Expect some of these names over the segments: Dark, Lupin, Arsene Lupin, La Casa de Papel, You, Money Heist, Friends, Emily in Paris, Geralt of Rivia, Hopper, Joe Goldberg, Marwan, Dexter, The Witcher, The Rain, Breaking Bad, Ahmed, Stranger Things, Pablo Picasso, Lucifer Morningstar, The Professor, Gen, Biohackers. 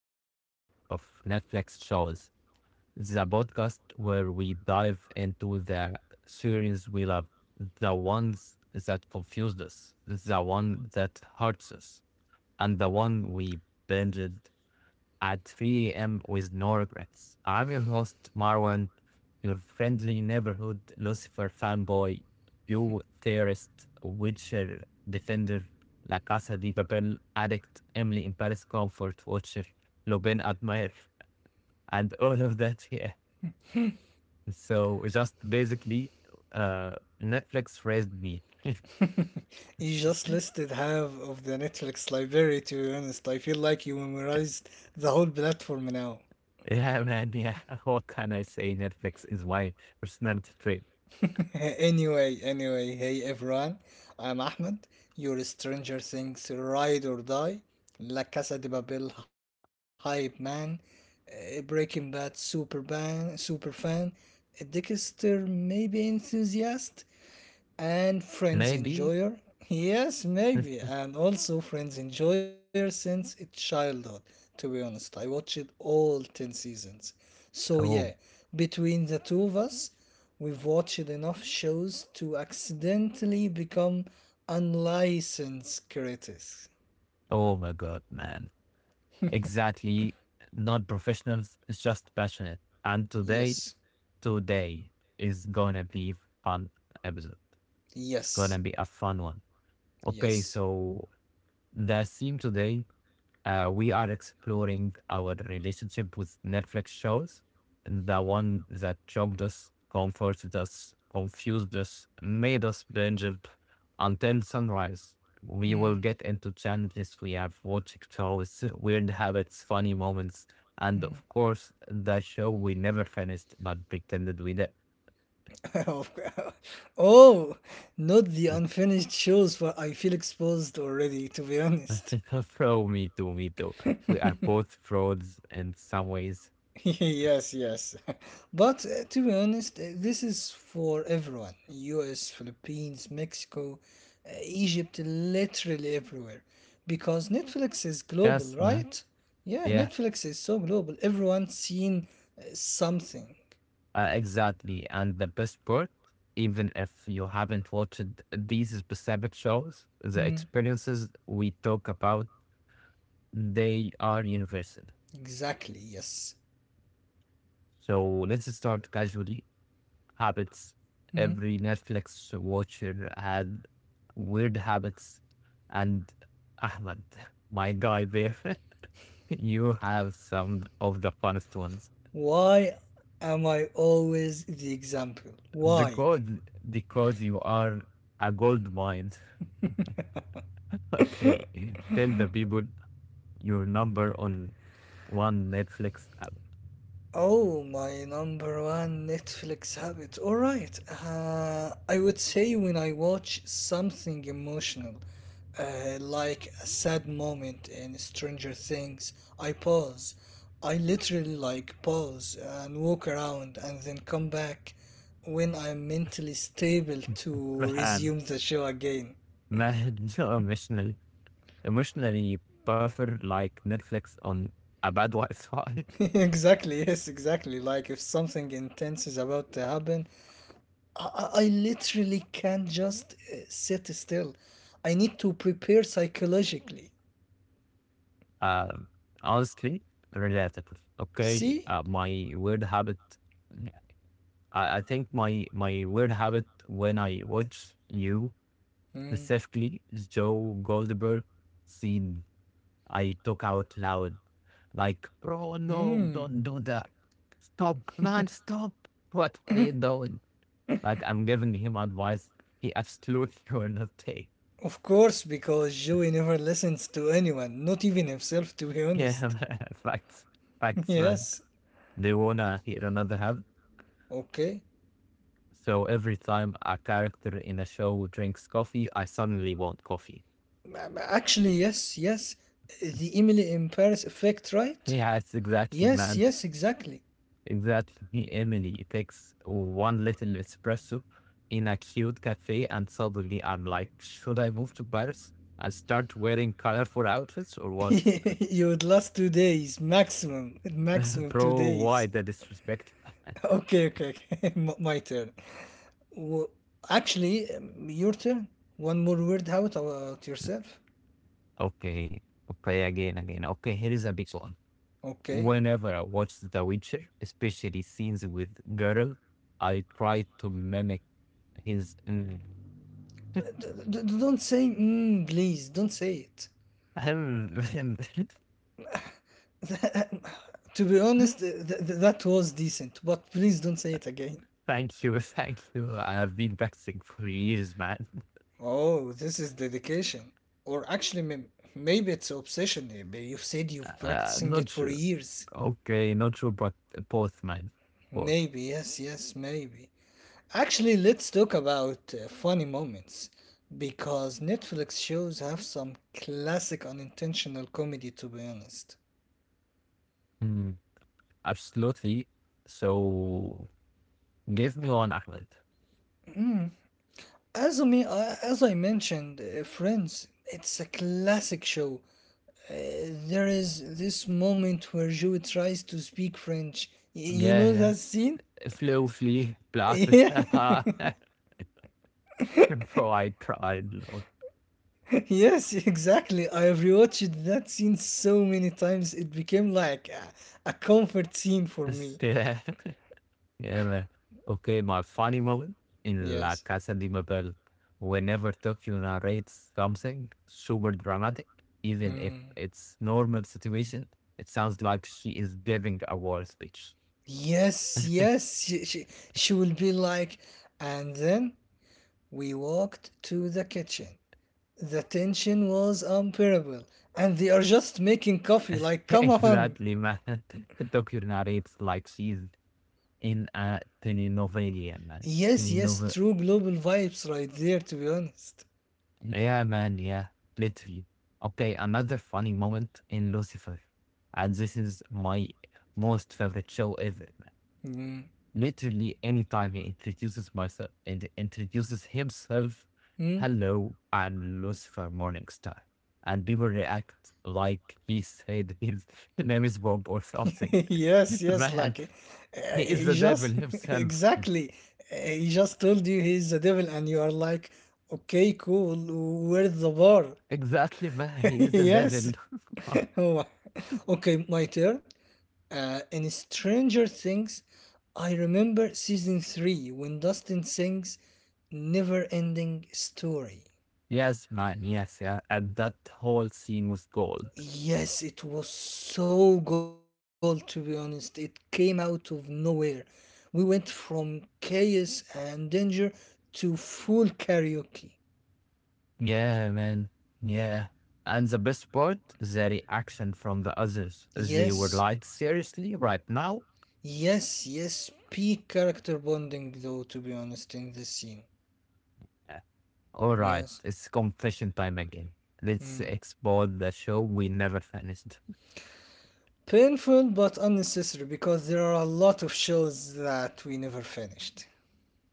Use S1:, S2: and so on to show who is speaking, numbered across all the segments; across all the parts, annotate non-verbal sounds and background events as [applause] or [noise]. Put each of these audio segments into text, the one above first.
S1: another episode of Netflix Shows. The podcast where we dive into the series we love, the ones that confused us, the one that hurts us, and the one we binged at 3 a.m. with no regrets. I'm your host, Marwan, your friendly neighborhood Lucifer fanboy, you theorist, Witcher defender, La Casa de Papel addict, Emily in Paris comfort watcher, Lobin admirer, and all of that. Yeah. So just basically, uh, Netflix raised me. [laughs]
S2: You just listed half of the Netflix library, to be honest. I feel like you memorized the whole platform now.
S1: Yeah, man. Yeah. [laughs] What can I say? Netflix is my personality trait.
S2: [laughs] Hey everyone, I'm Ahmed, your Stranger Things Ride or Die, La Casa de Babel Hype Man, Breaking Bad super Fan, a Dexter maybe enthusiast, and friends
S1: Maybe.
S2: enjoyer. Yes, maybe,
S1: [laughs]
S2: and also friends enjoyer since its childhood. To be honest, I watched all 10 seasons, so yeah,
S1: oh,
S2: between the two of us, we've watched enough shows to accidentally become unlicensed critics.
S1: Oh my God, man. Exactly. Not professionals, it's just passionate. And today,
S2: Yes,
S1: today is gonna be fun episode. It's gonna
S2: yes,
S1: be a fun one. Okay,
S2: yes.
S1: so the theme today, we are exploring our relationship with Netflix shows, the one that choked us, comforted us, confused us, made us binge it until sunrise. We will
S2: Mm.
S1: get into challenges we have watched shows, weird habits, funny moments, and of course, the show we never finished but pretended we did.
S2: [laughs] Of course. Oh, not the unfinished shows, where I feel exposed already, to be honest.
S1: [laughs] Bro, me too, me too. We are both frauds in some ways.
S2: [laughs] Yes, yes. [laughs] But to be honest, this is for everyone. US, Philippines, Mexico, Egypt, literally everywhere. Because Netflix is global,
S1: Yes, man.
S2: right? Yeah,
S1: Yeah.
S2: Netflix is so global. Everyone's seen something.
S1: Exactly. And the best part, even if you haven't watched these specific shows, the
S2: Hmm,
S1: experiences we talk about, they are universal.
S2: exactly, yes.
S1: So let's start casually. Habits.
S2: Hmm.
S1: Every Netflix watcher had weird habits. And Ahmed, [laughs] my guy there, [laughs] you have some of the funnest ones.
S2: Why am I always the example? Why? [laughs]
S1: Because because you are a gold mine. [laughs] Okay. Tell the people your number on one Netflix app.
S2: Oh, my number one Netflix habit. All right. I would say when I watch something emotional, like a sad moment in Stranger Things, I pause. I literally like pause and walk around, and then come back when I'm mentally stable to
S1: Raham,
S2: resume the show again.
S1: Mahd, so emotional, emotionally buffer like Netflix on a bad Wi-Fi. [laughs]
S2: [laughs] Exactly, yes, exactly. Like if something intense is about to happen, I literally can't just sit still. I need to prepare psychologically.
S1: Um, Honestly, relatable. Okay,
S2: See?
S1: my weird habit I think my weird habit when I watch you
S2: Mm.
S1: specifically is Joe Goldberg scene. I talk out loud, like, "Bro, no,
S2: Mm.
S1: don't do that. Stop, man, stop. What are you doing?" Like I'm giving him advice. He absolutely [laughs] will not take.
S2: Of course, because Joey never listens to anyone, not even himself, to be
S1: Yeah, [laughs]
S2: honest.
S1: man. facts,
S2: [laughs]
S1: facts, man.
S2: Yes.
S1: They wanna hear another habit.
S2: Okay.
S1: So every time a character in a show drinks coffee, I suddenly want coffee.
S2: Actually, yes, yes. The Emily in Paris effect, right?
S1: Yeah, it's exactly,
S2: Yes,
S1: man.
S2: yes, exactly.
S1: Exactly, Emily. It takes one little espresso in a cute cafe, and suddenly I'm like, should I move to Paris and start wearing colorful outfits or
S2: [laughs]
S1: what?
S2: You would last 2 days, maximum,
S1: [laughs]
S2: maximum two
S1: Bro, why
S2: days.
S1: the
S2: [laughs]
S1: disrespect?
S2: Okay, okay, okay. [laughs] My turn. Well, actually, your turn. One more word out about yourself.
S1: Okay, okay, again, again. Okay, here is a big one.
S2: Okay.
S1: Whenever I watch The Witcher, especially scenes with Geralt, I try to mimic his.
S2: Don't say mm, please. Don't say it.
S1: [laughs]
S2: [laughs] To be honest, that was decent, but please don't say it again.
S1: Thank you, thank you. I have been practicing for years, man.
S2: Oh, this is dedication. Or actually, maybe it's obsession. Maybe you've said you've
S1: Uh,
S2: practicing
S1: not
S2: it for
S1: sure.
S2: years.
S1: Okay, not sure, but both, man. Both.
S2: Maybe, yes, yes, maybe. Actually, let's talk about funny moments, because Netflix shows have some classic unintentional comedy, to be honest.
S1: Mm, absolutely. So give me one, Ahmed.
S2: As I mentioned, Friends, it's a classic show. Uh, there is this moment where Joey tries to speak French. You
S1: Yeah,
S2: know
S1: yeah.
S2: that scene?
S1: Flew, flee,
S2: [laughs]
S1: blast.
S2: Yeah.
S1: [laughs] Bro, I cried. Lord.
S2: [laughs] Yes, exactly. I've rewatched that scene so many times. It became like a comfort scene for me.
S1: [laughs] Yeah. Yeah, man. Okay, my funny moment in La
S2: Yes.
S1: Casa de Papel. Whenever Tokyo narrates something super dramatic, even if
S2: Hmm.
S1: it's normal situation, it sounds like she is giving a war speech.
S2: Yes, yes. She will be like, and then we walked to the kitchen. The tension was unbearable, and they are just making coffee.
S1: [laughs]
S2: Like, come on.
S1: Exactly, man. [laughs] The doctor narrates like she's in a telenovela, man.
S2: Yes, yes,
S1: Telenova.
S2: true global vibes right there, to be honest.
S1: Yeah, man. Yeah, literally. Okay, another funny moment in Lucifer, and this is my most favorite show ever. Man.
S2: Mm.
S1: Literally, anytime he introduces myself and introduces himself,
S2: Mm?
S1: hello, I'm Lucifer Morningstar, and people react like he said his [laughs] name is Bob or something.
S2: [laughs] Yes,
S1: [laughs]
S2: yes,
S1: Man,
S2: like
S1: he is
S2: he
S1: the devil
S2: just [laughs]
S1: himself.
S2: exactly he just told you he's the devil, and you are like, okay, cool, where's the bar?
S1: Exactly, man.
S2: [laughs]
S1: He is the devil.
S2: Yes.
S1: [laughs]
S2: Oh, [laughs] okay, my turn. In Stranger Things, I remember season three when Dustin sings "Never Ending Story."
S1: Yes, man. Yes, yeah. And that whole scene was gold.
S2: Yes, it was so gold. To be honest, it came out of nowhere. We went from chaos and danger to full karaoke.
S1: Yeah, man. Yeah. And the best part the reaction from the others. They were
S2: Yes,
S1: like, seriously, right now?
S2: yes, yes. Peak character bonding, though. To be honest, in this scene.
S1: Yeah. All right,
S2: Yes.
S1: it's confession time again. Let's
S2: Mm.
S1: explore the show we never finished.
S2: Painful but unnecessary, because there are a lot of shows that we never finished.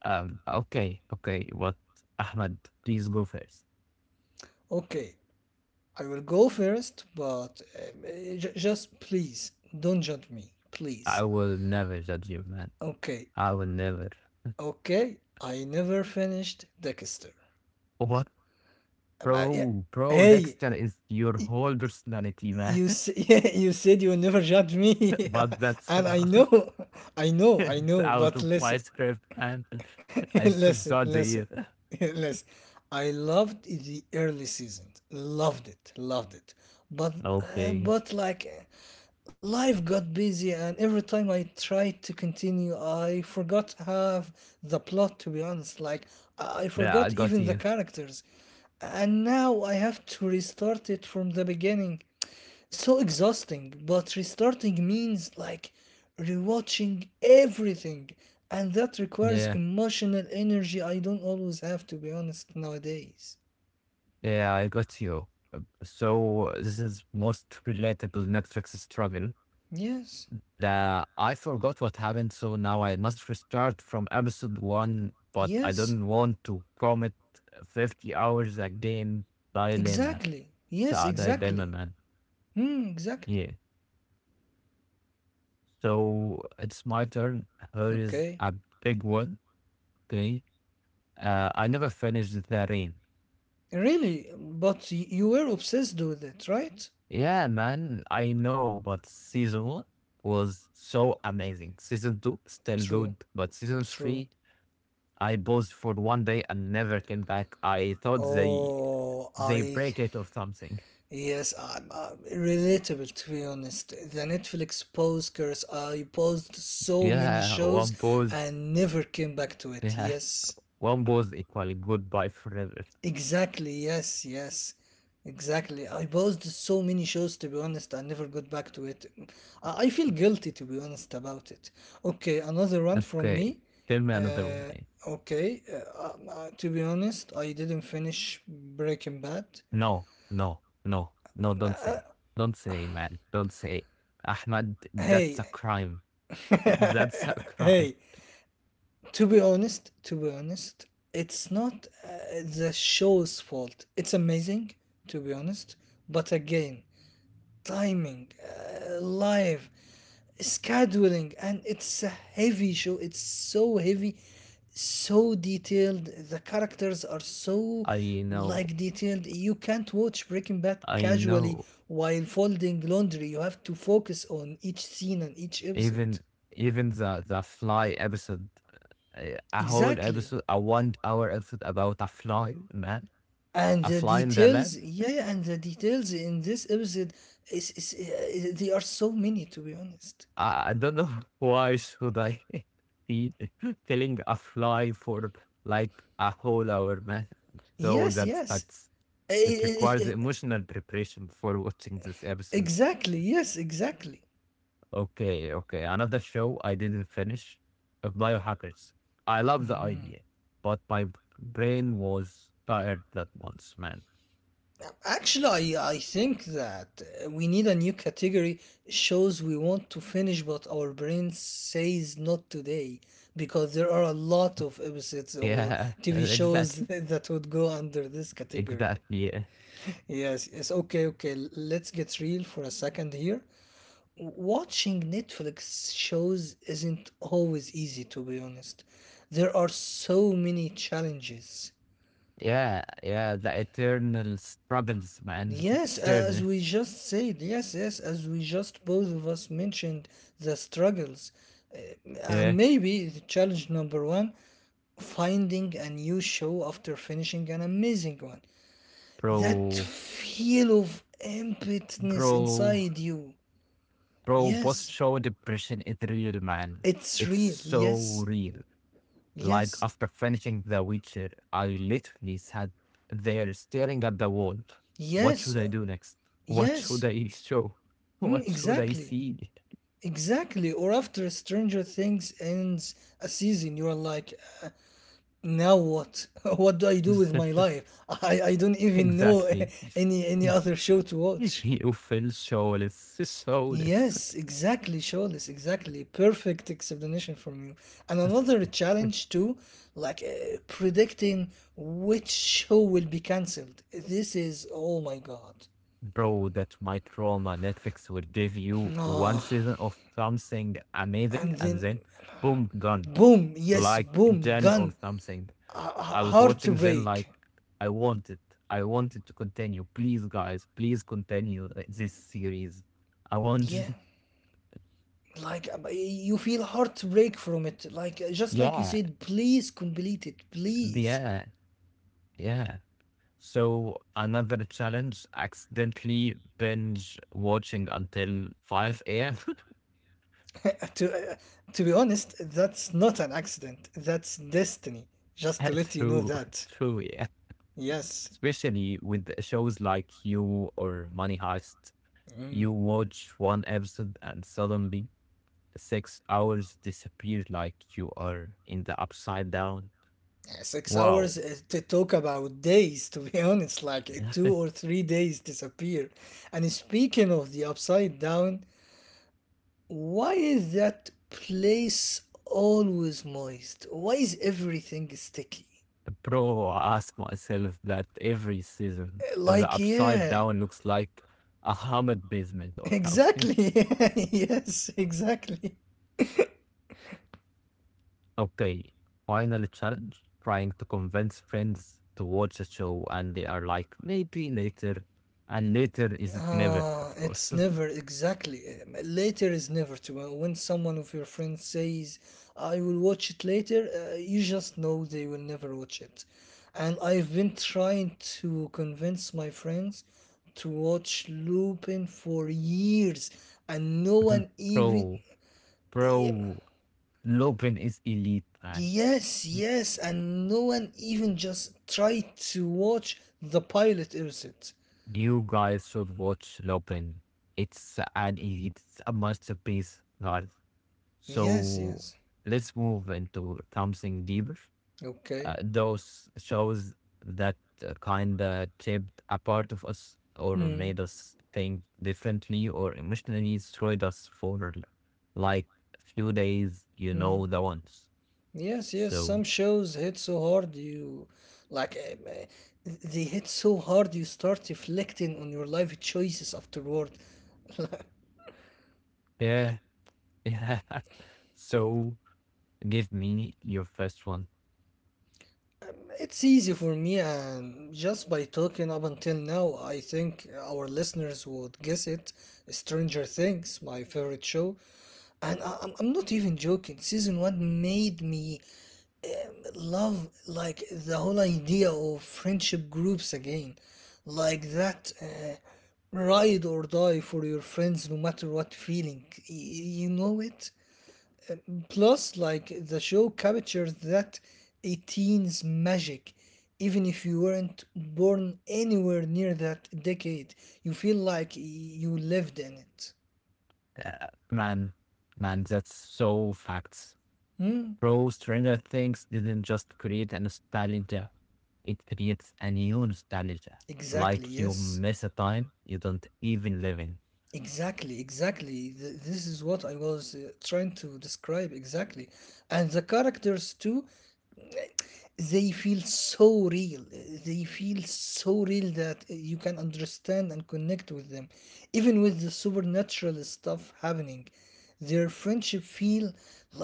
S1: Okay, okay, what? Ahmed, please go first.
S2: Okay, I will go first, but just please don't judge me,
S1: I
S2: please.
S1: will never judge you, man.
S2: Okay,
S1: I will never.
S2: okay, I never finished Dexter.
S1: What?
S2: Yeah.
S1: Bro,
S2: Hey,
S1: Dexter is your whole personality, man. [laughs]
S2: [laughs] yeah, you said you will never judge me,
S1: But
S2: [laughs]
S1: that's
S2: and I
S1: not,
S2: know, [laughs] I
S1: [laughs]
S2: know, I
S1: it's
S2: know.
S1: out
S2: But
S1: of my
S2: listen,
S1: script, and
S2: [laughs]
S1: I
S2: listen,
S1: forgot
S2: listen,
S1: the.
S2: [laughs] listen. I loved the early seasons. Loved it, loved it. But
S1: Okay.
S2: life got busy, and every time I tried to continue, I forgot half the plot. To be honest, like I
S1: Yeah, I
S2: forgot
S1: got
S2: even the
S1: you.
S2: characters, and now I have to restart it from the beginning. So exhausting, but restarting means like rewatching everything, and that requires
S1: Yeah,
S2: emotional energy I don't always have, to be honest, nowadays.
S1: yeah, I got you. So this is most relatable Netflix struggle.
S2: Yes,
S1: The, I forgot what happened, so now I must restart from episode one, but I
S2: yes,
S1: don't want to commit 50 hours again dilemma.
S2: exactly.
S1: It's
S2: Yes,
S1: a dilemma,
S2: exactly.
S1: man.
S2: Hmm, exactly.
S1: Yeah. So it's my turn. Here is
S2: Okay.
S1: a big one. Okay. I never finished the rain.
S2: Really, but you were obsessed with it, right?
S1: Yeah, man, I know, but season one was so amazing. Season two, still
S2: True,
S1: good, but season
S2: true.
S1: three, I paused for one day and never came back. I thought they
S2: Oh,
S1: they
S2: I
S1: break it or something.
S2: Yes, relatable, to be honest. The Netflix pause curse. I paused so many
S1: Yeah,
S2: shows
S1: one pause.
S2: and never came back to it.
S1: Yeah,
S2: Yes,
S1: one pause equally goodbye forever.
S2: exactly. Yes, yes, exactly. I paused so many shows, to be honest. I never got back to it. I feel guilty, to be honest, about it. Okay, another one from
S1: Okay,
S2: me.
S1: tell me another one.
S2: Okay, to be honest, I didn't finish Breaking Bad.
S1: No, no, no, no, don't say. Don't say, man. Don't say. Ahmad, that's
S2: Hey,
S1: a crime.
S2: [laughs]
S1: [laughs] That's a crime.
S2: hey, to be honest, it's not the show's fault. It's amazing, to be honest, but again, timing, live, scheduling, and it's a heavy show. It's so heavy, so detailed. The characters are so
S1: I know.
S2: like detailed. You can't watch Breaking Bad
S1: I
S2: casually
S1: know.
S2: while folding laundry. You have to focus on each scene and each episode.
S1: Even even the fly episode, a whole
S2: Exactly.
S1: episode, a one hour episode about a fly, man.
S2: And
S1: A
S2: the
S1: fly in the
S2: details,
S1: lab.
S2: yeah. Yeah, and the details in this episode is they are so many, to be honest.
S1: I don't know [laughs] why should I [laughs] be [laughs] killing a fly for like a whole hour, man. So
S2: Yes,
S1: that's
S2: yes.
S1: facts.
S2: I-
S1: It
S2: I- I-
S1: requires
S2: I-
S1: emotional preparation before watching this episodes.
S2: exactly, yes, exactly.
S1: Okay, okay. Another show I didn't finish, Biohackers. I love the idea, but my brain was tired that once, man.
S2: Actually, I think that we need a new category: shows we want to finish but our brain says not today, because there are a lot of episodes or
S1: Yeah,
S2: TV
S1: [laughs]
S2: shows
S1: exactly.
S2: [laughs] that would go under this category.
S1: Exactly. Yeah.
S2: Yes, yes, okay, okay. Let's get real for a second here. Watching Netflix shows isn't always easy, to be honest. There are so many challenges.
S1: Yeah, yeah. The eternal struggles, man. [laughs]
S2: Yes, as
S1: Eternal.
S2: we just said, yes, yes, as we just both of us mentioned the struggles. Uh,
S1: Yeah.
S2: And maybe the challenge number one, finding a new show after finishing an amazing one. That
S1: Bro,
S2: feel of emptiness
S1: bro,
S2: inside you.
S1: bro. Post
S2: Yes,
S1: show depression is real, man.
S2: it's
S1: It's
S2: real.
S1: so
S2: Yes,
S1: real. Like
S2: yes,
S1: after finishing The Witcher, I literally sat there staring at the wall. What
S2: yes.
S1: should I do next? What should
S2: Yes,
S1: I show? [laughs]
S2: mm,
S1: What should I
S2: exactly.
S1: see?
S2: Exactly. Or after Stranger Things ends a season, you're like, now what? [laughs] What do I do with my
S1: [laughs]
S2: life? I don't even know [laughs]
S1: Exactly.
S2: any other show to
S1: [laughs]
S2: watch.
S1: You feel soulless, soulless.
S2: Yes, exactly, Shawless, exactly. Perfect explanation from you. And another
S1: [laughs]
S2: challenge too, like predicting which show will be cancelled. This is, oh my God.
S1: Bro, that's my trauma. Netflix would give you one
S2: Ah,
S1: season of something amazing
S2: and
S1: and
S2: then
S1: then boom, gone.
S2: boom, yes,
S1: Like
S2: boom,
S1: Gen or
S2: gun.
S1: something.
S2: H-
S1: I was watching Gen
S2: heartbreak.
S1: like I wanted. I wanted to continue. Please guys, please continue, this series. I
S2: Yeah,
S1: want. [laughs]
S2: like you feel heartbreak from it, like just like you
S1: Yeah.
S2: said, please complete it, please.
S1: Yeah. Yeah. So another challenge, accidentally binge watching until 5 a.m.
S2: [laughs] To uh, to be honest, that's not an accident, that's destiny, just to let
S1: [laughs]
S2: you know
S1: True,
S2: that.
S1: true, yeah,
S2: Yes.
S1: especially with the shows like You or Money Heist.
S2: Mm.
S1: You watch one episode and suddenly 6 hours disappear like you are in the upside down.
S2: Yeah, six
S1: Wow.
S2: hours to talk about days, to be [laughs] honest, like two or
S1: [laughs]
S2: three days disappear. And speaking of the upside down, why is that place always moist? Why is everything sticky?
S1: Bro, I ask myself that every season. The
S2: Like,
S1: upside
S2: yeah,
S1: down looks like a hammered basement
S2: [laughs]
S1: or something. [laughs]
S2: exactly. [laughs] Yes, exactly.
S1: Okay, final challenge. Trying to convince friends to watch a show and they are like, maybe later. And later is never,
S2: Ah,
S1: of course.
S2: it's
S1: [laughs]
S2: never, exactly. Later is never to. When someone of your friends says, I will watch it later, you just know they will never watch it. And I've been trying to convince my friends to watch Lupin for years, and no one even—
S1: Bro,
S2: Ye-
S1: bro, Lupin is elite, man.
S2: Yes, yes, and no one even just tried to watch the pilot episode.
S1: You guys should watch Lupin. It's an elite, it's a masterpiece, guys.
S2: Yes,
S1: So
S2: yes.
S1: let's move into something deeper.
S2: Okay.
S1: Those shows that, kinda shaped a part of us or
S2: Hmm.
S1: made us think differently or emotionally destroyed us for like a few days, you
S2: Hmm.
S1: know the ones.
S2: Yes, yes. Some
S1: So
S2: shows hit so hard you, like, they hit so hard you start reflecting on your life choices afterward. [laughs]
S1: yeah, [laughs] yeah. So give me your first one.
S2: It's easy for me, and just by talking up until now, I think our listeners would guess it. Stranger Things, my favorite show, and I'm not even joking. Season one made me love like the whole idea of friendship groups again, like that ride or die for your friends, no matter what feeling. You know it. Plus, like the show captures that 18's magic. Even if you weren't born anywhere near that decade, you feel like you lived in it.
S1: Uh, man, man, that's so facts.
S2: Hmm?
S1: Bro, Stranger Things didn't just create a nostalgia, it creates a new nostalgia.
S2: Exactly.
S1: Like you
S2: Yes.
S1: miss a time you don't even live in.
S2: Exactly, exactly. This is what I was trying to describe exactly. And the characters too, they feel so real. They feel so real that you can understand and connect with them. Even with the supernatural stuff happening, their friendship feel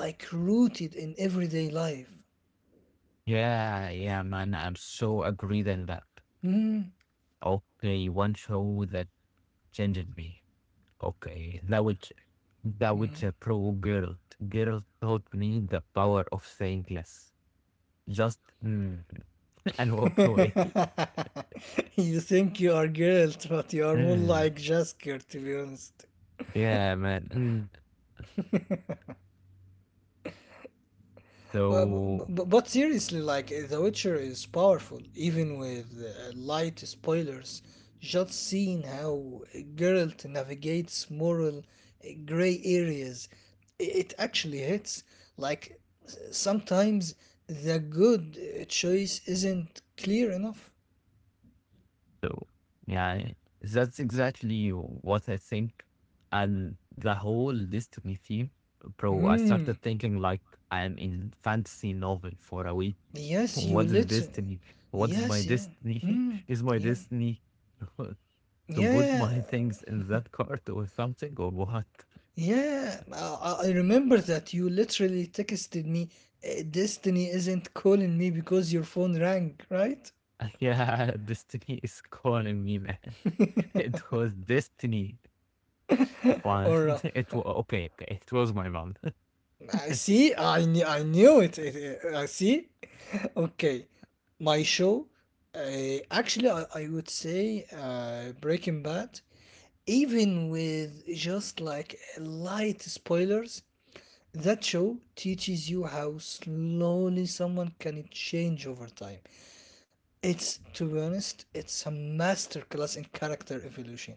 S2: like rooted in everyday life.
S1: Yeah, yeah, man, I'm so agreed on that. Okay, one show that changed me. Okay, that would a pro girl. Girl taught me the power of saying yes. Just [laughs] and walk away.
S2: [laughs] You think you are girls, but you are more
S1: Mm,
S2: like Jasker, to be honest.
S1: yeah, man.
S2: But,
S1: So,
S2: but seriously, like The Witcher is powerful, even with light spoilers. Just seeing how Geralt navigates moral gray areas, it actually hits. Like sometimes the good choice isn't clear enough.
S1: so yeah, that's exactly what I think. And the whole Destiny theme, bro, I
S2: Hmm.
S1: started thinking like I am in fantasy novel for a week. [laughs]
S2: Yes, you
S1: What is
S2: literally.
S1: Destiny? What's my
S2: Yes, yeah.
S1: destiny?
S2: Hmm.
S1: [laughs] Is my
S2: Yeah.
S1: destiny [laughs] to put
S2: Yeah.
S1: my things in that cart or something or what?
S2: Yeah, I remember that you literally texted me, Destiny isn't calling me," because your phone rang, right?
S1: [laughs] Yeah, Destiny is calling me, man. [laughs] It was Destiny. Fun. [laughs]
S2: Or,
S1: It was okay. Okay, it was my mom. [laughs]
S2: I see, I knew it, I see. [laughs] Okay, my show, actually, I would say Breaking Bad, even with just like light spoilers, that show teaches you how slowly someone can change over time. It's, to be honest, it's a masterclass in character evolution.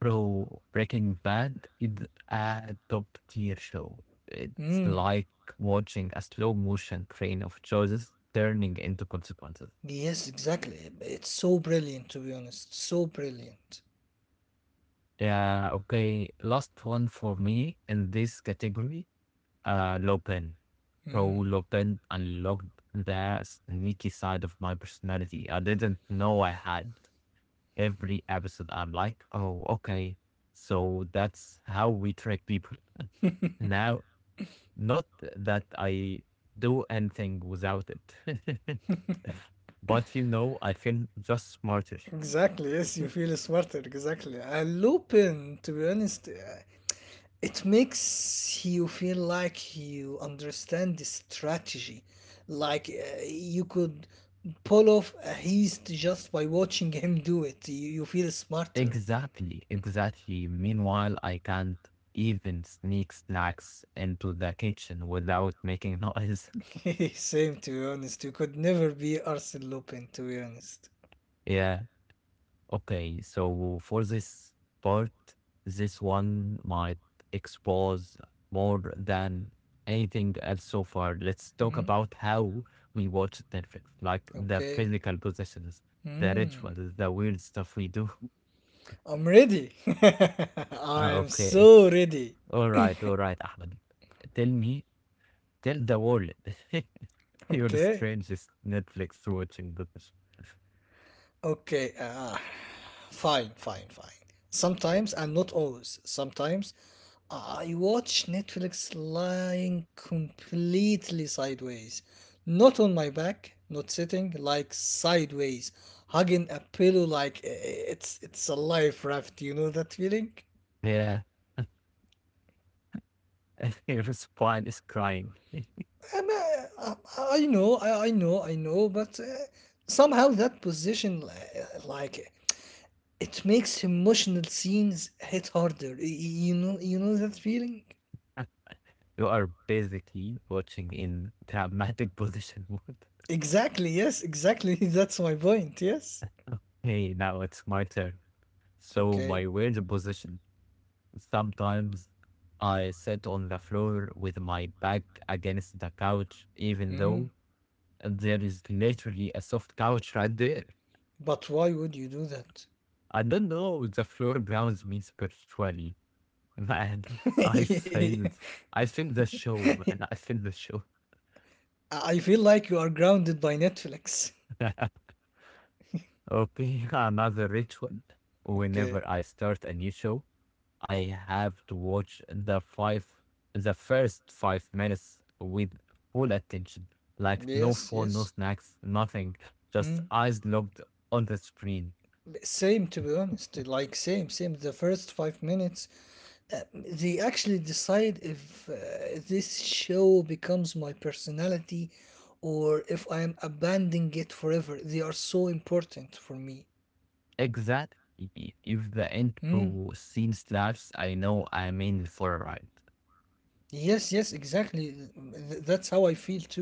S1: Bro, Breaking Bad is a top tier show. It's
S2: Mm.
S1: like watching a slow motion train of choices turning into consequences.
S2: Yes, exactly. It's so brilliant, to be honest. So brilliant.
S1: Yeah. Okay. Last one for me in this category. Lupin. Bro,
S2: Mm.
S1: Lupin unlocked the sneaky side of my personality I didn't know I had. Every episode. I'm like, oh, okay. So that's how we track people. [laughs] Now, not that I do anything without it, [laughs] but you know, I feel just smarter.
S2: Exactly, yes, you feel smarter, exactly. And Lupin, to be honest, it makes you feel like you understand the strategy. Like you could pull off a heist just by watching him do it. You feel smarter.
S1: Exactly, exactly. Meanwhile, I can't even sneak snacks into the kitchen without making noise.
S2: [laughs] Same to be honest. You could never be Arsene Lupin to be honest.
S1: [laughs] Yeah, okay, so for this part, this one might expose more than anything else so far. Let's talk
S2: Mm,
S1: about how we watch Netflix, like the
S2: Okay.
S1: physical possessions, the
S2: Mm,
S1: rituals, the weird stuff we do. [laughs]
S2: I'm ready. [laughs] I
S1: Ah,
S2: am
S1: okay,
S2: so ready.
S1: all right, Ahmed. Tell me, tell the world [laughs] your
S2: Okay.
S1: strangest Netflix watching business.
S2: Okay. Ah, fine, fine, fine. Sometimes, and not always, sometimes I watch Netflix lying completely sideways. Not on my back, not sitting, like sideways, hugging a pillow like it's a life raft, you know that feeling?
S1: Yeah, [laughs] your spine is crying.
S2: Um, I, I know, I know, I know, but somehow that position, like, it makes emotional scenes hit harder. You know that feeling?
S1: You are basically watching in dramatic position mode. [laughs]
S2: Exactly, yes, exactly. [laughs] That's my point, yes.
S1: Hey, now it's my turn. So
S2: Okay.
S1: my weird position. Sometimes I sit on the floor with my back against the couch, even
S2: Hmm.
S1: though there is literally a soft couch right there.
S2: But why would you do that?
S1: I don't know. The floor grounds me spiritually, [laughs] man. I
S2: [laughs]
S1: failed. I failed the show, man. I failed the show.
S2: I feel like you are grounded by Netflix.
S1: [laughs] Okay, [laughs] another ritual.
S2: Okay.
S1: Whenever I start a new show, I have to watch the first 5 minutes with full attention. Like no
S2: Yes,
S1: phone, no
S2: yes.
S1: snacks, nothing. Just
S2: Hmm.
S1: eyes locked on the screen.
S2: Same, to be honest. Like, same, same. The first 5 minutes, they actually decide if this show becomes my personality or if I am abandoning it forever. They are so important for me.
S1: Exact. If the
S2: Hmm.
S1: intro scene slaps, I know I'm in for a ride.
S2: Yes, yes, exactly. That's how I feel too.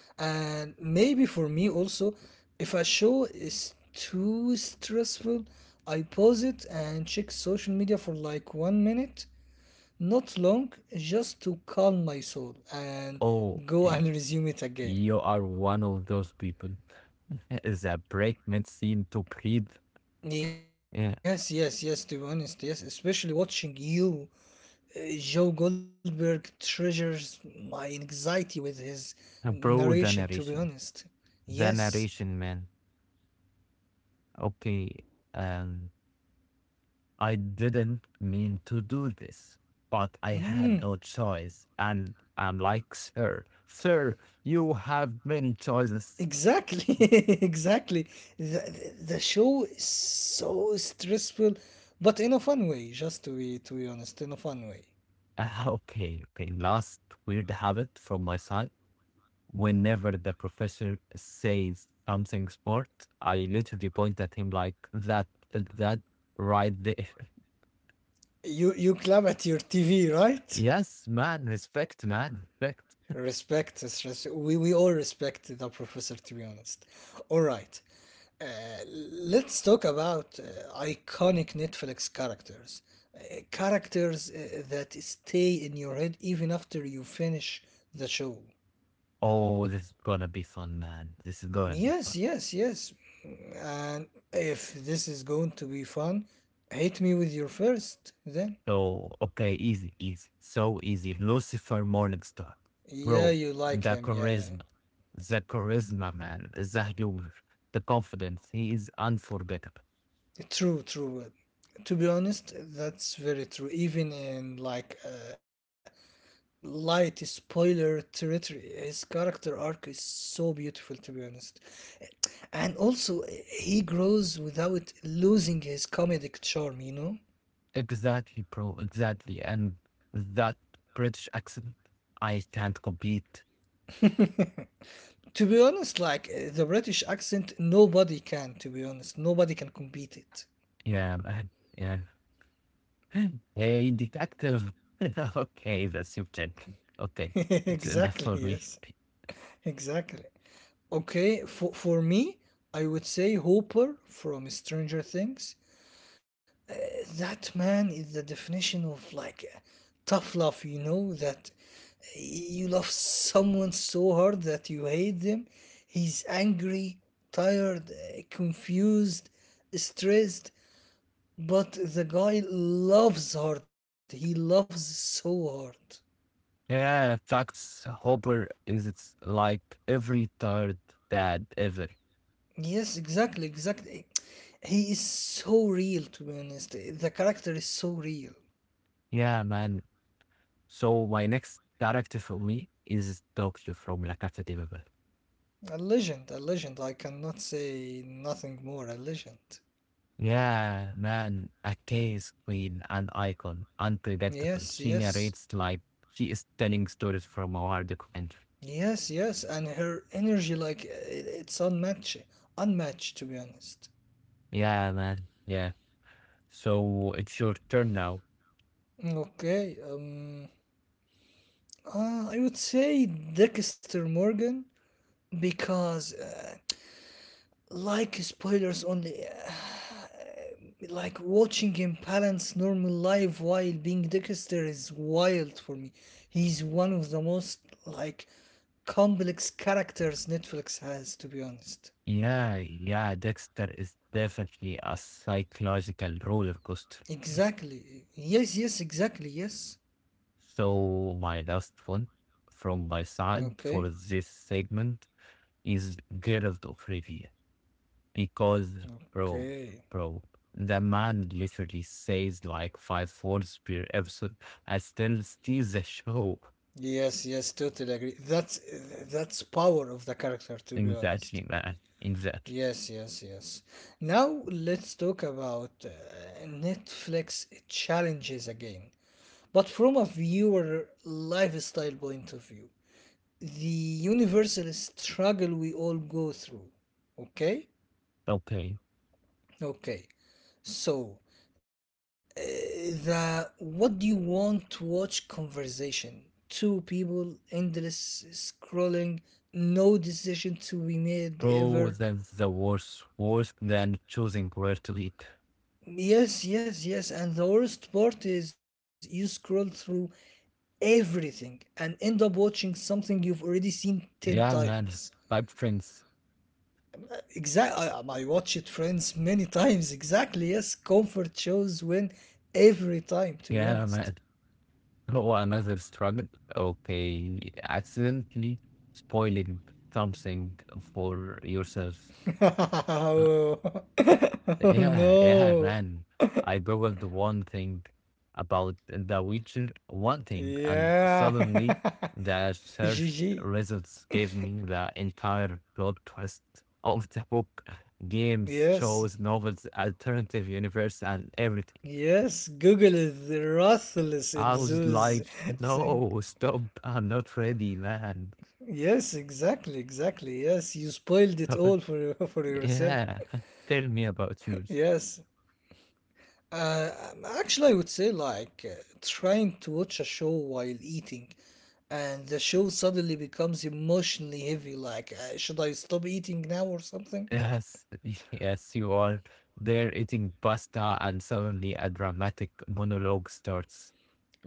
S2: And maybe for me also, if a show is too stressful, I pause it and check social media for like one minute, not long, just to calm my soul and
S1: Oh,
S2: go [laughs] and resume it
S1: you
S2: again.
S1: are one of those people. [laughs] The break mid scene to breathe. Yeah,
S2: Yes, yes, yes, to be honest, yes, especially watching you, Joe Goldberg treasures my anxiety with his
S1: bro, the
S2: narration, to
S1: narration.
S2: be honest.
S1: The
S2: Yes.
S1: narration, man. Okay, um, I didn't mean to do this, but I had
S2: Mm,
S1: no choice. And I'm like, sir, sir, you have many choices.
S2: exactly, [laughs] exactly. The show is so stressful, but in a fun way. Just to be honest, in a fun way.
S1: Okay, okay. Last weird habit from my side. Whenever the professor says something smart, I literally point at him like that, right there.
S2: You clap at your TV,
S1: [laughs]
S2: right?
S1: Yes, man, respect, man, respect.
S2: Respect the stress. We all respect the professor, to be honest. All right. Uh, let's talk about iconic Netflix characters. Characters that stay in your head even after you finish the show.
S1: Oh, this is gonna be fun, man. This is gonna be fun.
S2: Yes, yes, yes. And if this is going to be fun, hit me with your first, then.
S1: So, okay, easy, easy. So easy. Lucifer Morningstar.
S2: Yeah,
S1: Bro,
S2: you like
S1: the
S2: him, yeah, yeah.
S1: charisma. The charisma, man. The humor. The confidence. He is unforgettable.
S2: True, true. To be honest, that's very true. Even in like light spoiler territory, his character arc is so beautiful, to be honest. And also, he grows without losing his comedic charm, you know?
S1: Exactly, bro. Exactly. And that British accent, I can't compete.
S2: To be honest, like the British accent, nobody can. To be honest, nobody can compete it.
S1: Yeah, man. Yeah. [gasps] [laughs] Hey, detective. [laughs] Okay, that's your tip. Okay,
S2: [laughs]
S1: it's enough
S2: Exactly.
S1: for me.
S2: Yes. Exactly. Okay. For me, I would say Hooper from Stranger Things. That man is the definition of like tough love. You know that you love someone so hard that you hate them. He's angry, tired, confused, stressed. But the guy loves hard. He loves so hard.
S1: Yeah, facts. Hopper is it's like every third dad ever.
S2: Yes, exactly, exactly. He is so real, to be honest. The character is so real.
S1: Yeah, man. So my next character for me is Doctor from La Casa de Papel.
S2: A legend, a legend. I cannot say nothing more. A legend.
S1: Yeah, man. A case queen and icon, unpredictable.
S2: Yes,
S1: She
S2: yes.
S1: narrates like she is telling stories from around the country.
S2: Yes, yes. And her energy, like, it's unmatched. Unmatched, to be honest.
S1: Yeah, man. Yeah. So it's your turn now.
S2: Okay, I would say Dexter Morgan because, like spoilers only, like watching him balance normal life while being Dexter is wild for me. He's one of the most like complex characters Netflix has, to be honest.
S1: Yeah, yeah. Dexter is definitely a psychological roller coaster.
S2: Exactly. Yes, yes, exactly. Yes.
S1: So my last one from my side
S2: Okay.
S1: for this segment is Geralt of Rivia because bro,
S2: Okay.
S1: bro, the man literally says like five words per episode. I still steals the show.
S2: Yes, yes, totally agree. That's power of the character, to be honest.
S1: Exactly, man. Exactly.
S2: Yes, yes, yes. Now let's talk about Netflix challenges again. But from a viewer lifestyle point of view, the universal struggle we all go through. Okay?
S1: Okay,
S2: Okay. So, uh, the what do you want to watch conversation? Two people, endless scrolling, no decision to be made
S1: bro,
S2: ever.
S1: that's the worst, worse than choosing where to eat.
S2: Yes, yes, yes. And the worst part is you scroll through everything and end up watching something you've already seen 10
S1: Yeah,
S2: times.
S1: man. Bye, friends.
S2: Exactly, I watched Friends many times. Exactly, yes. Comfort shows win every time, to be
S1: Yeah, man.
S2: honest.
S1: [laughs] Oh, another struggle. Okay, accidentally spoiling something for yourself.
S2: [laughs]
S1: Uh,
S2: Oh. [laughs] Oh
S1: Yeah, yeah,
S2: no.
S1: man. I googled one thing about The Witcher, one thing, and
S2: Yeah.
S1: suddenly the
S2: [laughs]
S1: search
S2: Gigi.
S1: results gave me the entire plot twist of the book, games,
S2: Yes.
S1: shows, novels, alternative universe, and everything.
S2: Yes, Google is ruthless in
S1: I was
S2: those
S1: like,
S2: thing.
S1: no, stop. I'm not ready, man.
S2: Yes, exactly, exactly. Yes, you spoiled it
S1: Oh,
S2: all for [laughs] for yourself.
S1: yeah. [laughs] Tell me about
S2: Yes.
S1: yours.
S2: Actually, I would say like trying to watch a show while eating, and the show suddenly becomes emotionally heavy. Like, should I stop eating now or something?
S1: Yes, [laughs] yes, you are. They're eating pasta, and suddenly a dramatic monologue starts.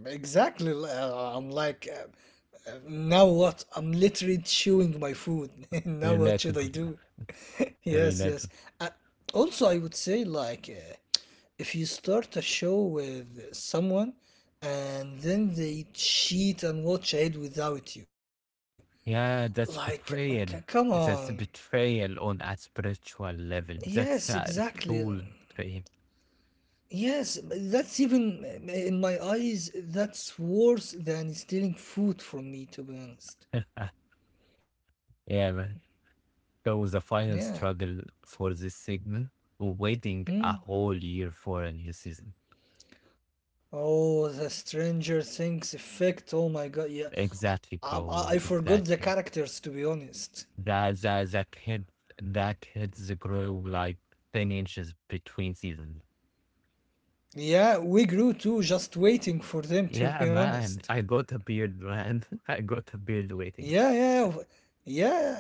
S2: Exactly. I'm like, now what? I'm literally chewing my food. [laughs] Now what should I
S1: Relatable,
S2: do? [laughs] Yes, yes.
S1: relatable.
S2: Uh, Also, I would say like if you start a show with someone and then they cheat and watch ahead without you. Like,
S1: Yeah, that's
S2: c- come
S1: betrayal.
S2: on.
S1: That's a betrayal on a spiritual level.
S2: Yes,
S1: That's a
S2: exactly.
S1: tool betrayal.
S2: Yes, that's even in my eyes, that's worse than stealing food from me, to be honest.
S1: Yeah, man. That was the
S2: Yeah.
S1: final struggle for this segment. Waiting a
S2: Hmm.
S1: whole year for a new season.
S2: Oh, the Stranger Things effect. Oh my god. Yeah.
S1: Exactly,
S2: I
S1: bro.
S2: forgot the
S1: Exactly.
S2: characters, to be honest.
S1: That kid that kids grow like 10 inches between seasons.
S2: Yeah, we grew too just waiting for them, [laughs] to
S1: Yeah,
S2: be
S1: man,
S2: honest.
S1: I got a beard, man. [laughs] I got a beard waiting.
S2: Yeah, yeah. Yeah.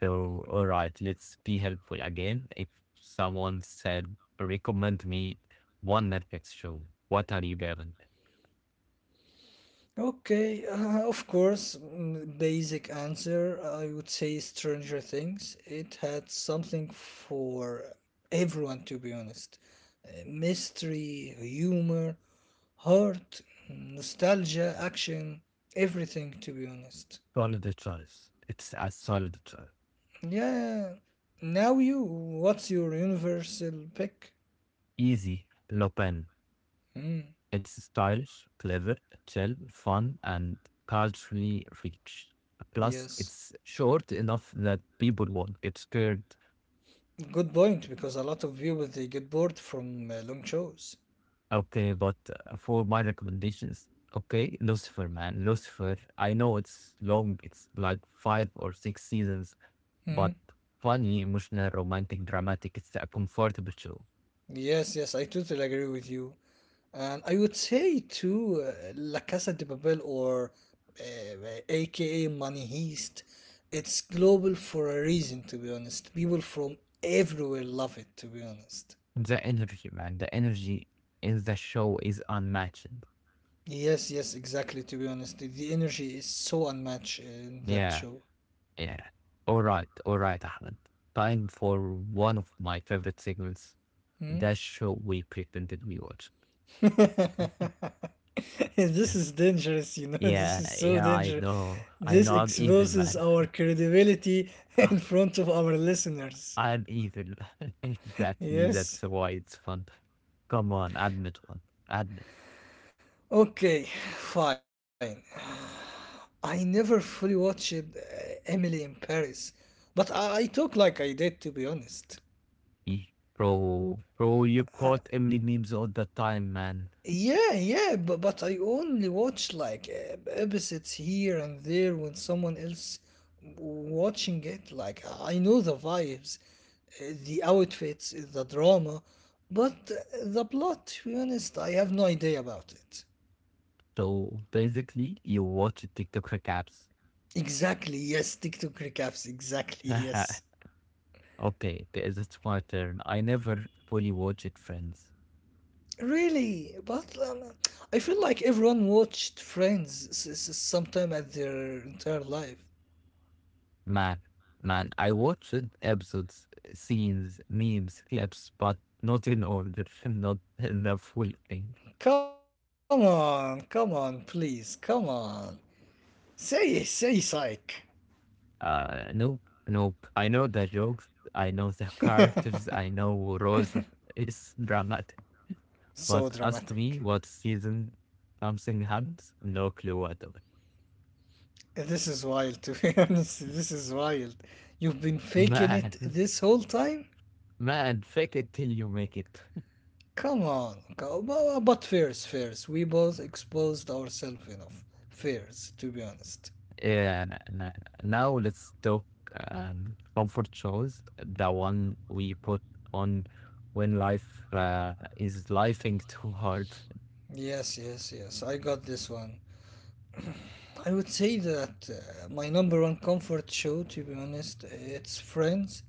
S1: So, all right, let's be helpful again. If someone said recommend me one Netflix show, what are you given?
S2: Okay, of course, basic answer I would say Stranger Things. It had something for everyone, to be honest. Mystery, humor, heart, nostalgia, action, everything, to be honest.
S1: Solid choice. It's a solid choice.
S2: Yeah, now you, what's your universal pick?
S1: Easy, Lupin.
S2: Hmm,
S1: It's stylish, clever, chill, fun, and culturally rich. Plus,
S2: yes.
S1: it's short enough that people won't get scared.
S2: Good point, because a lot of people they get bored from long shows.
S1: Okay, but for my recommendations, okay, Lucifer, man, Lucifer. I know it's long, it's like five or six seasons,
S2: Hmm.
S1: but funny, emotional, romantic, dramatic. It's a comfortable show.
S2: Yes, yes, I totally agree with you. And I would say too, La Casa de Papel or AKA Money Heist, it's global for a reason, to be honest. People from everywhere love it, to be honest.
S1: The energy, man, the energy in the show is unmatched.
S2: Yes, yes, exactly, to be honest. The energy is so unmatched in that
S1: Yeah.
S2: show.
S1: Yeah. All right. All right, Ahmed. Time for one of my favorite segments.
S2: Hmm?
S1: That show we pretended we watched.
S2: [laughs] This is dangerous, you know. [laughs] This is
S1: Yeah.
S2: so
S1: Yeah. I
S2: dangerous.
S1: know. I
S2: This
S1: know. I'm evil,
S2: exposes
S1: man.
S2: our
S1: [laughs]
S2: credibility [laughs] in front of our listeners.
S1: I'm evil. [laughs] Exactly. That's
S2: Yes.
S1: why it's fun. Come on. Admit one. Admit.
S2: Okay, fine. I never fully watched Emily in Paris, but I talk like I did to be honest.
S1: Eh, Bro. Bro, you caught Emily memes all the time, man.
S2: Yeah, yeah, but I only watch like episodes here and there when someone else watching it. Like I know the vibes, the outfits, the drama, but the plot. To be honest, I have no idea about it.
S1: So basically, you watch TikTok recaps.
S2: Exactly. Yes. TikTok recaps. Exactly. Yes.
S1: [laughs] Okay. It's my turn. I never fully watched Friends.
S2: Really, but I feel like everyone watched Friends sometime at their entire life.
S1: Man, man, I watched episodes, scenes, memes, clips, but not in order, [laughs] not in the full thing.
S2: Come on, come on, please, come on. Say, psych.
S1: Nope, nope. I know the jokes, I know the [laughs] characters, I know Rose is dramatic,
S2: So
S1: but ask
S2: dramatic.
S1: me what season something happens, no clue whatever.
S2: This is wild, to be [laughs] honest. This is wild. You've been
S1: [laughs]
S2: faking
S1: Man,
S2: it this whole time?
S1: man, fake it till you make it.
S2: Come on. But fairs, fairs. We both exposed ourselves enough. Fairs, to be honest.
S1: Yeah, now let's talk comfort shows, the one we put on when life is lifing too hard.
S2: Yes, yes, yes. I got this one. I would say that my number one comfort show, to be honest, it's Friends.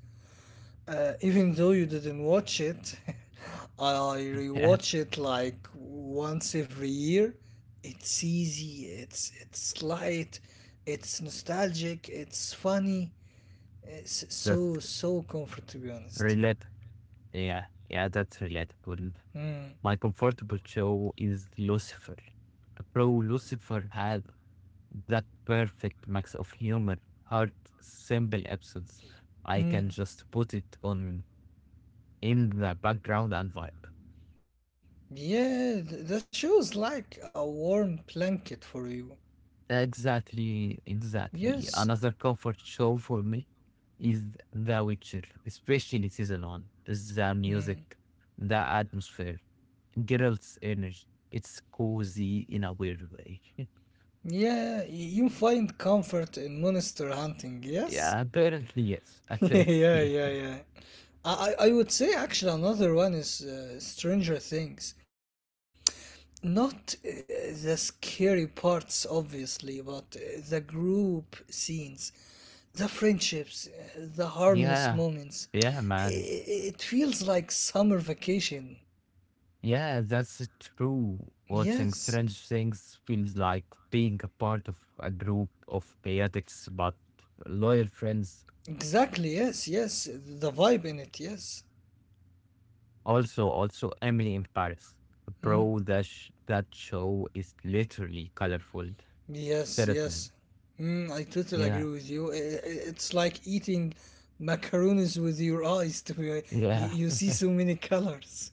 S2: Even though you didn't watch it, [laughs] I
S1: [laughs] Yeah,
S2: rewatch it like once every year. It's easy. It's light. It's nostalgic. It's funny. It's so
S1: that's
S2: so comfort to be honest.
S1: relate. Yeah, yeah, that's relatable.
S2: Mm.
S1: My comfortable show is Lucifer. Pro Lucifer had that perfect mix of humor, heart, simple episodes. I
S2: Mm.
S1: can just put it on in the background and vibe.
S2: Yeah, the show is like a warm blanket for you.
S1: Exactly,
S2: Yes.
S1: exactly. Another comfort show for me is The Witcher, especially season one. The
S2: Mm.
S1: music, the atmosphere, Geralt's energy. It's cozy in a weird way.
S2: Yeah, you find comfort in monster hunting,
S1: [laughs]
S2: yes?
S1: Yeah, apparently yes.
S2: [laughs] Yeah,
S1: Apparently,
S2: yeah, yeah. I would say actually another one is Stranger Things. Not the scary parts, obviously, but the group scenes, the friendships, the
S1: [laughs]
S2: harmless
S1: yeah,
S2: moments.
S1: yeah, man.
S2: I- It feels like summer vacation.
S1: Yeah, that's true. Watching Strange
S2: Yes,
S1: Things feels like being a part of a group of chaotics but loyal friends.
S2: exactly. Yes, yes. The vibe in it. Yes.
S1: Also, also Emily in Paris.
S2: Hmm?
S1: Bro, that show is literally colorful.
S2: Yes,
S1: Serotonin.
S2: yes. I totally agree
S1: Yeah,
S2: with you. It's like eating macaroons with your eyes. You,
S1: yeah,
S2: you see so many colors.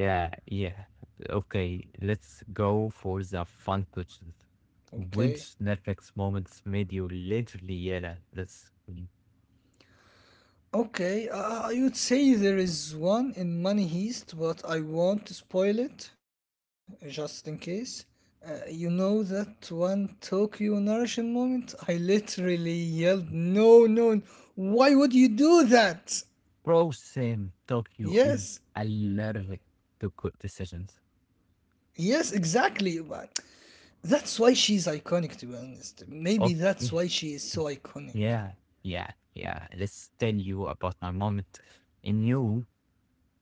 S1: yeah, yeah. Okay, let's go for the fun questions.
S2: Okay.
S1: Which Netflix moments made you literally yell at the screen?
S2: Okay, I would say there is one in Money Heist, but I won't spoil it just in case. You know that one Tokyo narration moment? I literally yelled, "No, no, why would you do that?"
S1: Bro, same. Tokyo is
S2: Yes,
S1: allergic to good decisions.
S2: yes, exactly. That's why she's iconic, to be honest. Maybe
S1: Oh,
S2: that's why
S1: yeah,
S2: she is so iconic.
S1: yeah, yeah. Yeah. Let's tell you about my moment in you.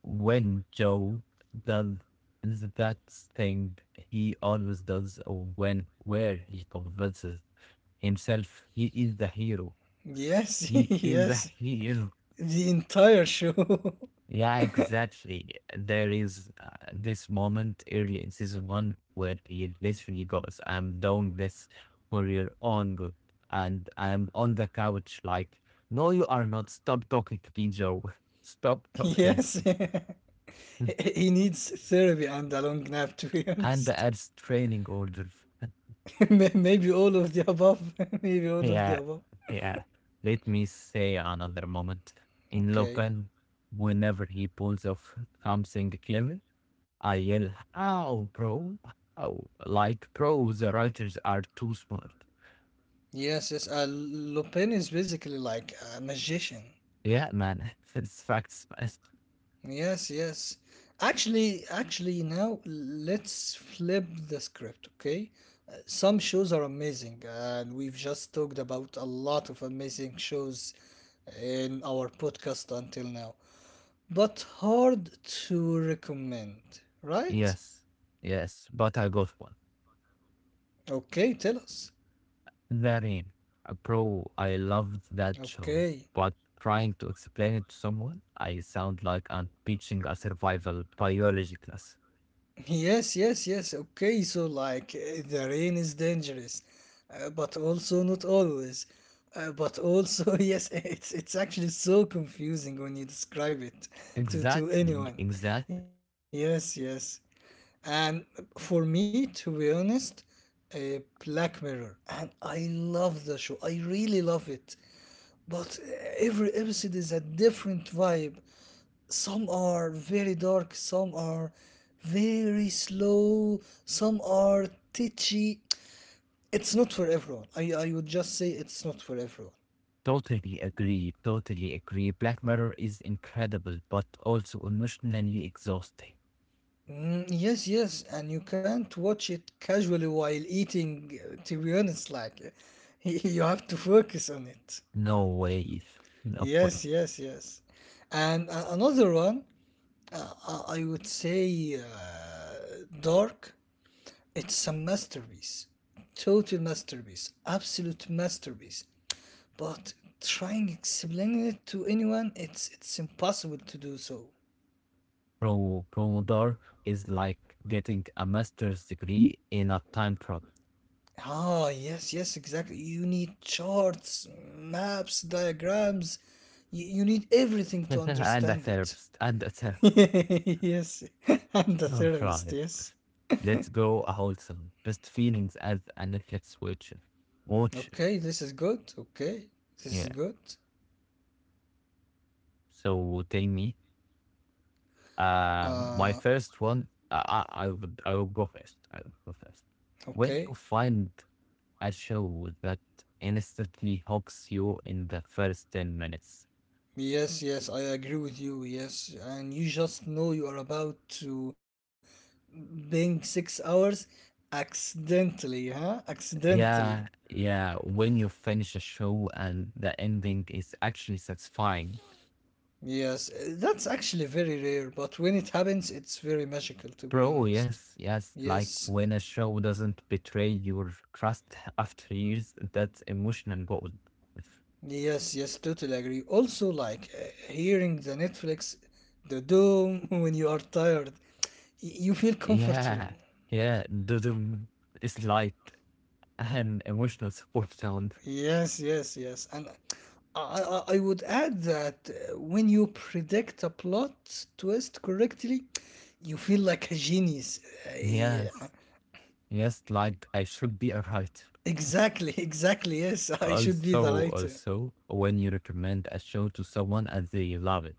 S1: When Joe does that thing he always does, or when where he convinces himself he is the hero.
S2: Yes, [laughs]
S1: He is the
S2: yes.
S1: hero.
S2: The entire show.
S1: Yeah, exactly. There is this moment earlier in season one where he literally goes, "I'm doing this for your own good," and I'm on the couch like, "No, you are not. Stop talking to me, Joe. [laughs] Stop talking."
S2: [laughs] Yes. [laughs] He needs therapy and a long nap, to be
S1: And
S2: honest.
S1: as training order.
S2: [laughs] Maybe all of the above. [laughs] Maybe all
S1: Yeah,
S2: of the above.
S1: yeah. Let me say another moment. In Lopen,
S2: Okay.
S1: whenever he pulls off something clever, I yell, "Ow, bro! Ow!" Like, bro, the writers are too smart.
S2: Yes, yes. Lupin is basically like a magician.
S1: Yeah, man, [laughs] it's facts, fast.
S2: Yes, yes. Actually, now let's flip the script, okay? Some shows are amazing, and we've just talked about a lot of amazing shows in our podcast until now, but hard to recommend, right?
S1: Yes, yes, but I got one.
S2: Okay, tell us.
S1: That in. Bro, I loved that
S2: Okay.
S1: show, but trying to explain it to someone, I sound like I'm teaching a survival biology class.
S2: Yes, yes, yes. Okay, so like the rain is dangerous, but also not always. But also, [laughs] yes, it's actually so confusing when you describe it to
S1: Exactly,
S2: to anyone.
S1: exactly.
S2: Yes, yes. And for me, to be honest, Black Mirror, and I love the show. I really love it. But every episode is a different vibe, some are very dark, some are very slow, some are titchy. It's not for everyone. I would just say it's not for everyone.
S1: Totally agree. Totally agree. Black Mirror is incredible, but also emotionally exhausting.
S2: Mm, yes, yes, and you can't watch it casually while eating, to be honest, like [laughs] you have to focus on it.
S1: No way. No way.
S2: Yes, yes, yes. And another one, I would say Dark. It's a masterpiece, total masterpiece, absolute masterpiece. But trying explaining it to anyone, it's impossible to do so.
S1: Pro Promodor is like getting a master's degree in a time travel
S2: Ah, yes, yes, exactly. You need charts, maps, diagrams. You need everything
S1: [laughs]
S2: to
S1: and a
S2: understand it.
S1: therapist and a therapist.
S2: [laughs] Yes, [laughs] I'm the
S1: All
S2: therapist,
S1: right.
S2: yes.
S1: Let's go wholesome. Best feelings as a Netflix watcher. Watcher.
S2: Okay, this is good. Okay, this is
S1: Yeah.
S2: good.
S1: So tell me, my
S2: Uh,
S1: first one, I will go first. I will go first.
S2: okay.
S1: When you find a show that instantly hooks you in the first 10 minutes,
S2: Yes, yes, I agree with you. Yes, and you just know you are about to being 6 hours accidentally, huh?
S1: yeah,
S2: Accidentally.
S1: yeah. When you finish a show and the ending is actually satisfying,
S2: Yes, that's actually very rare, but when it happens, it's very magical to be
S1: bro.
S2: honest.
S1: Yes, yes. Like
S2: Yes,
S1: when a show doesn't betray your trust after years, that's emotional gold.
S2: yes, yes, totally agree. Also, like hearing the Netflix, the doom [laughs] when you are tired, you feel comfortable.
S1: Yeah, yeah. It's like and emotional support sound.
S2: Yes, yes, yes. And I would add that when you predict a plot twist correctly, you feel like a genius. Yeah.
S1: Yes, yes, like I should be a writer.
S2: Exactly, [laughs] exactly. Yes, I should be the
S1: Also,
S2: writer.
S1: also, when you recommend a show to someone and they love it.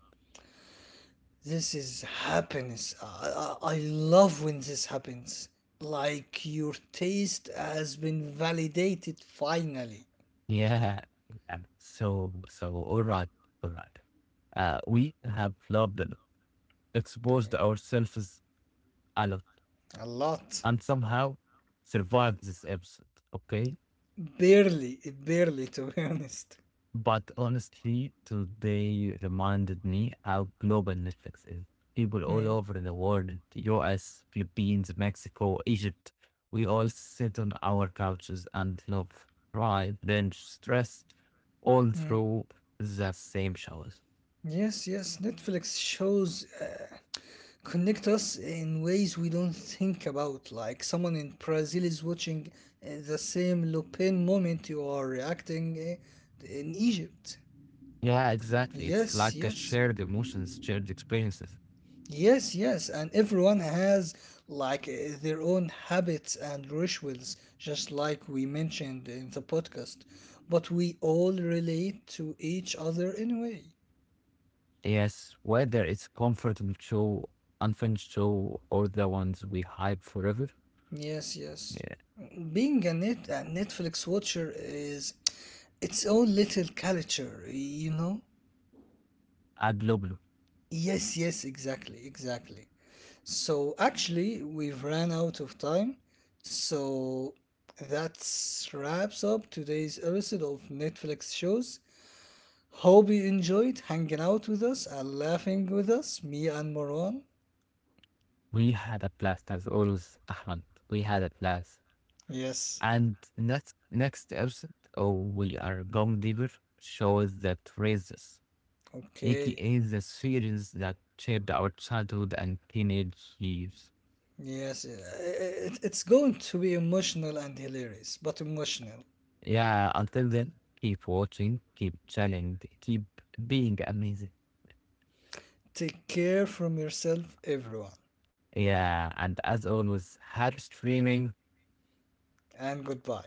S2: This is happiness. I love when this happens. Like your taste has been validated finally.
S1: Yeah, yeah. So, so, all right, all right. We have loved and exposed
S2: Okay.
S1: ourselves a lot
S2: A
S1: and
S2: lot.
S1: somehow survived this episode, okay?
S2: Barely, barely, to be [laughs] honest.
S1: But honestly, today reminded me how global Netflix is. People all over the
S2: Mm,
S1: world, the US, Philippines, Mexico, Egypt, we all sit on our couches and love, pride, binge, stress, all
S2: mm.
S1: through the same shows.
S2: Yes, yes, Netflix shows connect us in ways we don't think about. Like someone in Brazil is watching the same Le Pen moment you are reacting in Egypt.
S1: Yeah, exactly. It's
S2: Yes,
S1: like a
S2: yes,
S1: shared emotions, shared experiences.
S2: yes, yes, and everyone has like their own habits and rituals, just like we mentioned in the podcast. But we all relate to each other anyway.
S1: Yes, whether it's comfortable show, unfinished show, or the ones we hype forever,
S2: Yes, yes.
S1: yeah,
S2: Being a Netflix watcher is its own little culture, you know?
S1: a global.
S2: Yes, yes, exactly, exactly. So actually, we've ran out of time. So that wraps up today's episode of Netflix shows. Hope you enjoyed hanging out with us and laughing with us, me and Marwan.
S1: We had a blast as always, Ahmed. We had a blast.
S2: Yes.
S1: And next next episode, oh, we are going deeper. Shows that raises,
S2: Okay.
S1: aka the series that shaped our childhood and teenage years.
S2: Yes, it's going to be emotional and hilarious, but emotional.
S1: Yeah. Until then, keep watching, keep challenging, keep being amazing.
S2: Take care from yourself, everyone,
S1: Yeah. And as always, happy streaming.
S2: and goodbye.